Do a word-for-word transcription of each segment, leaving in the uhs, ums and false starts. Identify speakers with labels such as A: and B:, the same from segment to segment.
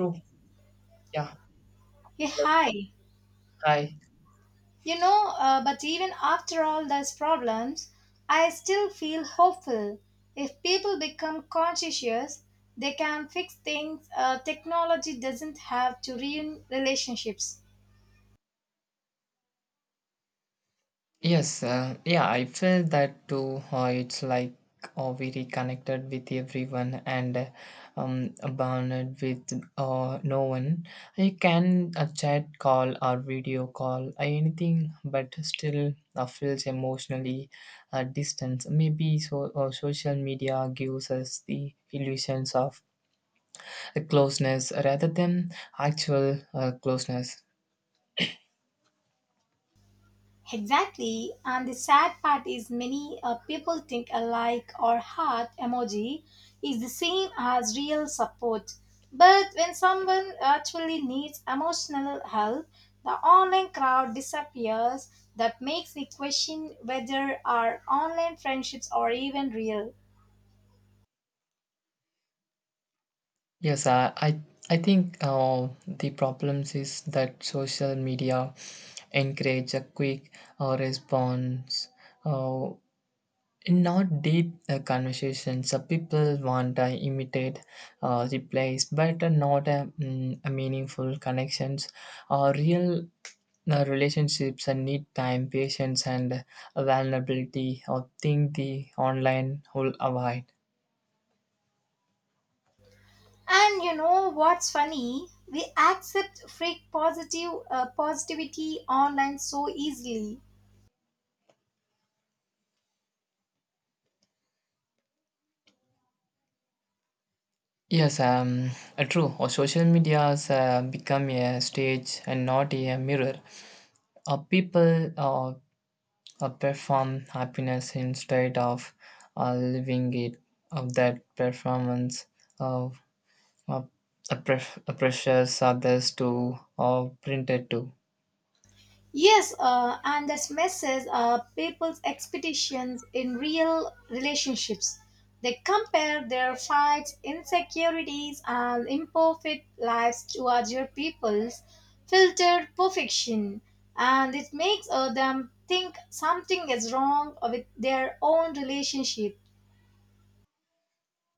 A: True. Yeah.
B: Yeah, hi.
A: Hi.
B: You know, uh, but even after all those problems, I still feel hopeful. If people become conscientious, they can fix things uh, Technology doesn't have to ruin relationships.
A: Yes, uh, yeah, I feel that too. Uh, it's like uh, we reconnected with everyone and uh, um, bonded with uh, no one. You can uh, chat, call, or video call, uh, anything, but still uh, feels emotionally uh, distant. Maybe so, uh, social media gives us the illusions of uh, closeness rather than actual uh, closeness.
B: Exactly, and the sad part is many uh, people think a like or heart emoji is the same as real support. But when someone actually needs emotional help, the online crowd disappears. That makes me question whether our online friendships are even real.
A: Yes, I I, I think uh, the problems is that social media encourage a quick uh, response uh, not deep uh, conversations. Uh, people want to imitate uh, replies, but uh, not a, mm, a meaningful connections. Uh, real uh, relationships and need time, patience, and vulnerability. Or think the online will avoid.
B: And you know what's funny? We accept fake positive uh, positivity online so easily.
A: Yes, um, uh, true. Or social media has uh, become a stage and not a mirror. Uh, people uh, uh, perform happiness instead of uh, living it. Of that performance, uh, uh, uh, pref- uh, pressures others to uh, print it to.
B: Yes, uh, and that messes uh, people's expectations in real relationships. They compare their fights, insecurities, and imperfect lives to other people's filtered perfection, and it makes uh, them think something is wrong with their own relationship.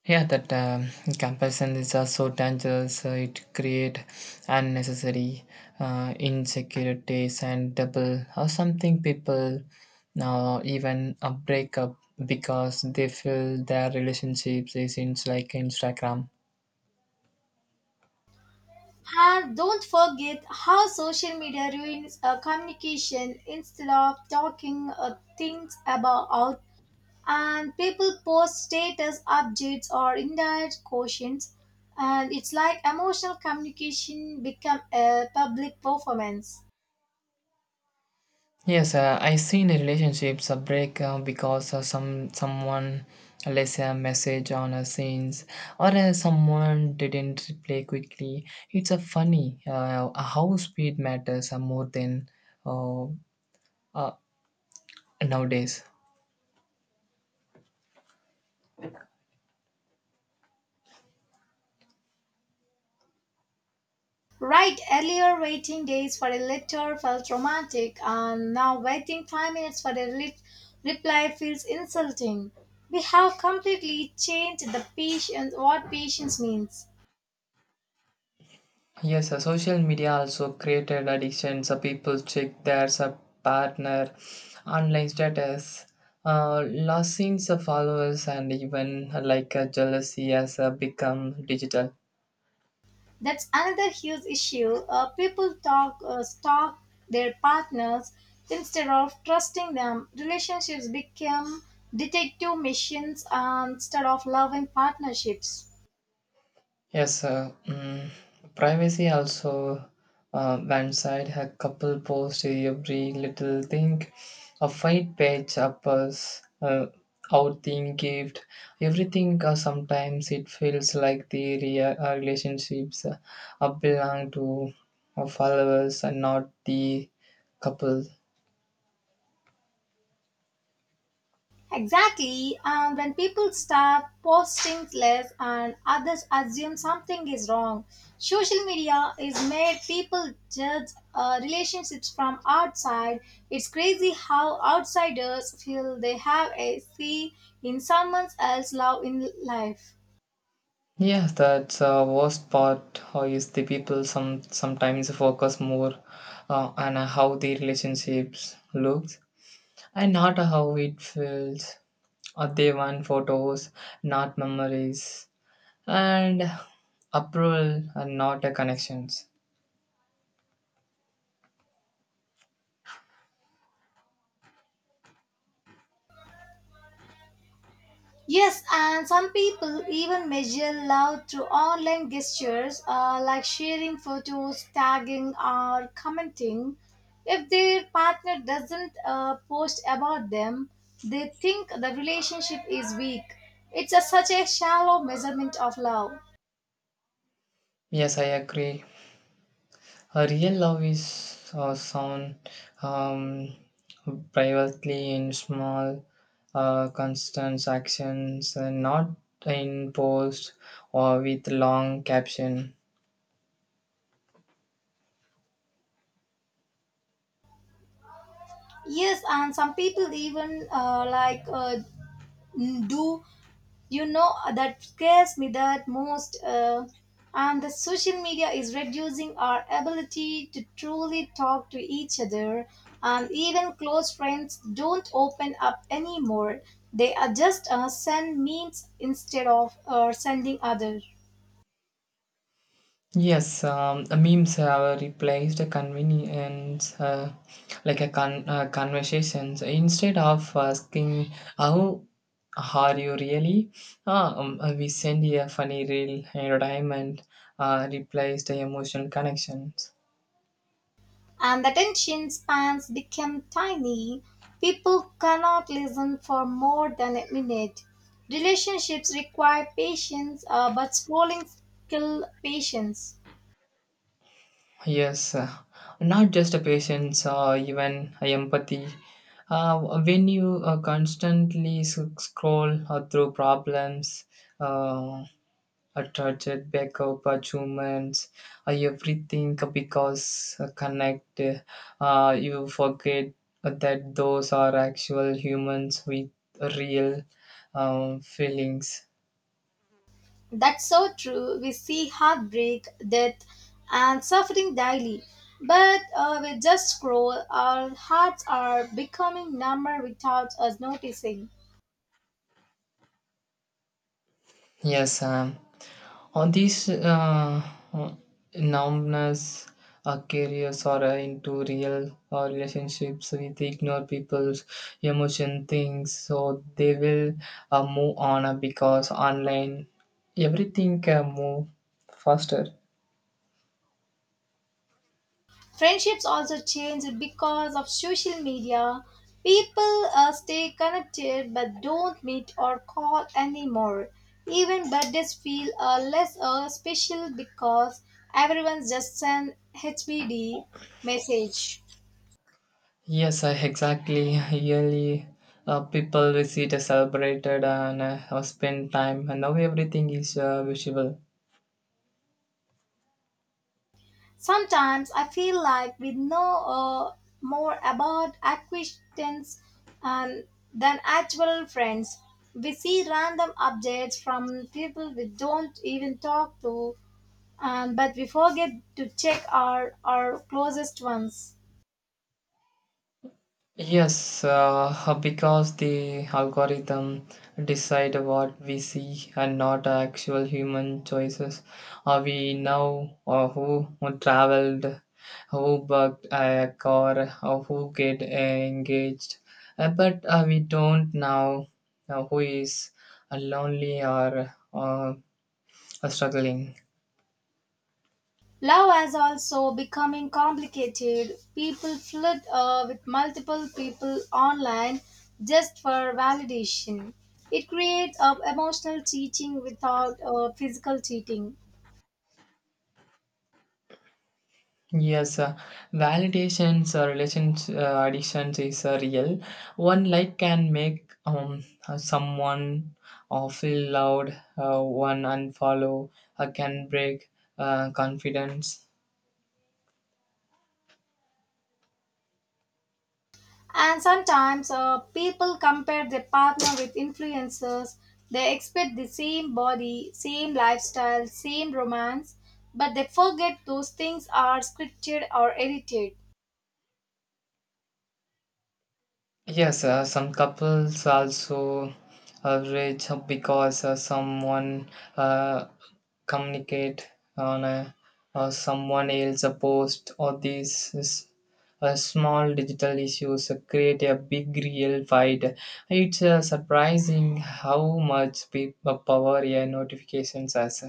A: Yeah, that um, comparison is also dangerous. Uh, it create unnecessary uh, insecurities and double or something people now even a breakup because they feel their relationships is in like Instagram.
B: And don't forget how social media ruins uh, communication instead of talking uh, things about out, and people post status updates or indirect quotients, and it's like emotional communication become a public performance.
A: Yes, uh, I seen a relationships uh, break uh, because uh, some someone left a message on a scenes or uh, someone didn't reply quickly. It's a funny uh, how speed matters uh, more than uh, uh, nowadays.
B: Right, earlier waiting days for a letter felt romantic and now waiting five minutes for a re- reply feels insulting. We have completely changed the patience, what patience means.
A: Yes, uh, social media also created addictions. So people check their sub- partner online status, uh, losing the followers, and even uh, like uh, jealousy has uh, become digital.
B: That's another huge issue. Uh, people talk uh, stalk their partners instead of trusting them. Relationships become detective missions um, instead of loving partnerships.
A: Yes, uh, mm, privacy also uh, one side a couple post every little thing, a fight page up us, uh, out thing gift, everything. Uh, sometimes it feels like the rea- uh, relationships uh, uh, belong to uh, followers and not the couple.
B: Exactly. Um, when people start posting less and others assume something is wrong, social media is made people judge uh, relationships from outside. It's crazy how outsiders feel they have a say in someone else's love in life.
A: Yeah, that's the worst part. How is the people some sometimes focus more uh, on how the relationships looks and not how it feels. Or they want photos, not memories, and approval and not a connections.
B: Yes, and some people even measure love through online gestures uh, like sharing photos, tagging, or commenting. If their partner doesn't uh, post about them, they think the relationship is weak. It's a, such a shallow measurement of love.
A: Yes, I agree. A real love is uh, sound um, privately in small, uh, constant actions, and not in post or with long caption.
B: Yes, and some people even uh, like uh, do you know uh, That scares me, that most uh, and the social media is reducing our ability to truly talk to each other, and even close friends don't open up anymore. They are just uh, send memes instead of uh, sending others.
A: Yes, um, memes have replaced the convenience uh, like a con- uh, conversations. Instead of asking how are you really, ah, um, uh, we send a funny reel entertainment uh, replaces the emotional connections.
B: And the attention spans become tiny, people cannot listen for more than a minute. Relationships require patience uh, but scrolling kill patience.
A: Yes, uh, not just a patience or even empathy. Uh, when you uh, constantly sc- scroll uh, through problems. Uh, Attracted back up at humans uh, everything uh, because uh, connect uh, you forget that those are actual humans with real um, feelings.
B: That's so true. We see heartbreak, death, and suffering daily. But uh, we just scroll, our hearts are becoming numb without us noticing.
A: Yes, um, all these uh, uh, numbness uh, carriers are uh, into real uh, relationships with ignore people's emotion things, so they will uh, move on uh, because online everything can move faster.
B: Friendships also change because of social media. People uh, stay connected but don't meet or call anymore. Even birthdays feel uh, less uh, special because everyone just sends H B D message.
A: Yes, uh, exactly. Yearly, uh, people visit, uh, celebrated, and uh, uh, spend time. And now everything is uh, visible.
B: Sometimes I feel like we know uh, more about acquaintance and than actual friends. We see random updates from people we don't even talk to, um, but we forget to check our, our closest ones.
A: Yes, uh, because the algorithm decide what we see and not actual human choices. Uh, we know uh, who traveled, who booked a car, or who get engaged, uh, but uh, we don't know uh, who is uh, lonely or uh, struggling.
B: Love has also becoming complicated. People flirt uh, with multiple people online just for validation. It creates uh, emotional cheating without uh, physical cheating.
A: Yes, uh, validations or relations uh, addictions is uh, real. One like can make um uh, someone uh, feel loud. Uh, one unfollow uh, can break uh, confidence.
B: And sometimes uh, people compare their partner with influencers. They expect the same body, same lifestyle, same romance, but they forget those things are scripted or edited.
A: Yes, uh, some couples also uh, rage because uh, someone uh, communicate on a, uh, someone else a post or these s- uh, small digital issues uh, create a big real fight. It's uh, surprising how much pe- uh, power a notifications has.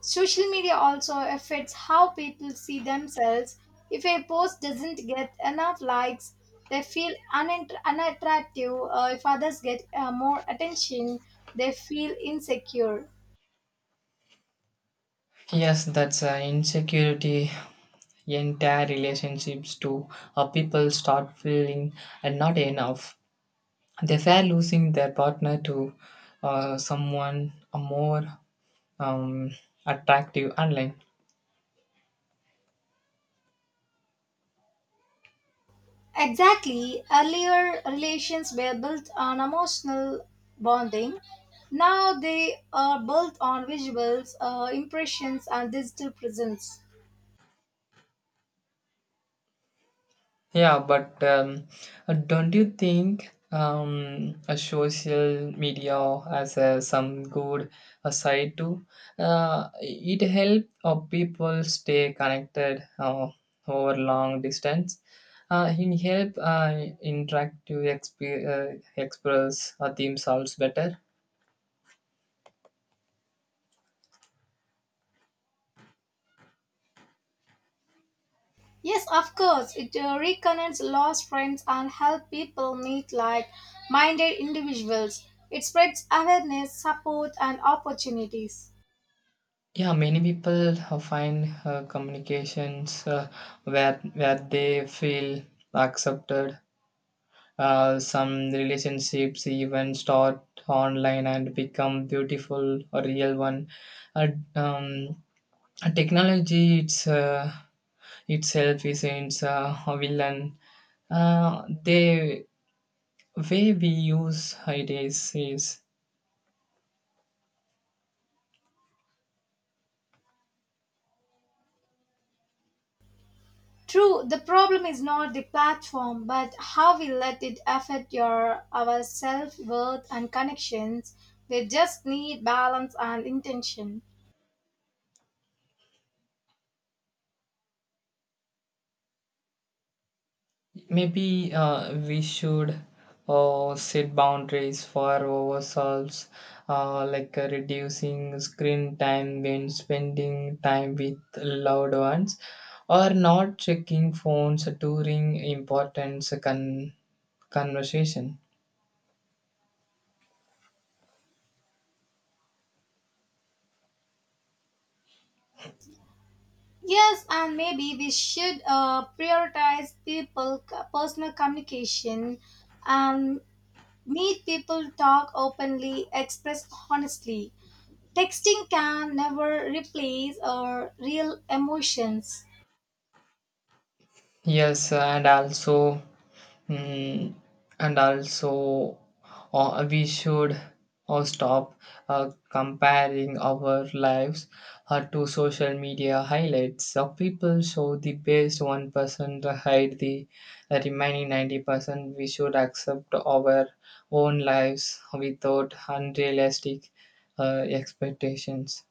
B: Social media also affects how people see themselves. If a post doesn't get enough likes, they feel unint- unattractive. Uh, if others get uh, more attention, they feel insecure.
A: Yes, that's uh, insecurity entire relationships to uh, people start feeling and not enough. They fear losing their partner to uh, someone uh, more um, attractive online.
B: Exactly, earlier relations were built on emotional bonding. Now they are built on visuals, uh, impressions, and digital presence.
A: Yeah, but um, uh, don't you think um, a social media has uh, some good uh, side too? Uh, it helps uh, people stay connected uh, over long distance. Uh, it help uh, interact to exp- uh, express uh, themselves better.
B: Yes, of course. It uh, reconnects lost friends and help people meet like-minded individuals. It spreads awareness, support, and opportunities.
A: Yeah, many people uh, find uh, communications uh, where where they feel accepted. Uh, some relationships even start online and become beautiful or real one. uh, um, Technology it's uh, itself isn't uh, a villain, uh, the way we use it is, is.
B: True, the problem is not the platform, but how we let it affect your our self-worth and connections. We just need balance and intention.
A: Maybe uh, we should uh, set boundaries for ourselves, uh, like uh, reducing screen time when spending time with loved ones, or not checking phones during important con- conversation.
B: Yes, and maybe we should uh, prioritize people c- personal communication and meet people, talk openly, express honestly. Texting can never replace our real emotions.
A: Yes, and also, mm, and also, uh, we should uh, stop uh, comparing our lives uh, to social media highlights. Uh, people show the best one person to hide the remaining ninety percent. We should accept our own lives without unrealistic uh, expectations.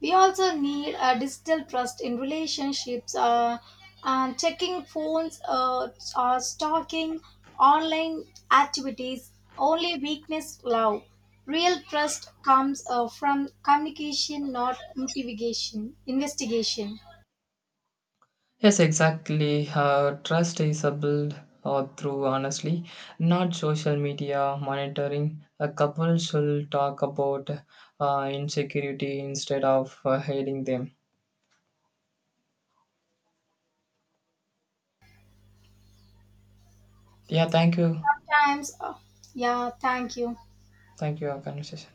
B: We also need a digital trust in relationships. Uh, and checking phones uh, or stalking online activities only weakness love. Real trust comes uh, from communication, not motivation, investigation.
A: Yes, exactly. Uh, trust is uh, built uh, through honestly, not social media monitoring. A couple should talk about uh, insecurity instead of uh, hiding them. Yeah, thank you.
B: Times. Uh, yeah. Thank you.
A: Thank you, our conversation.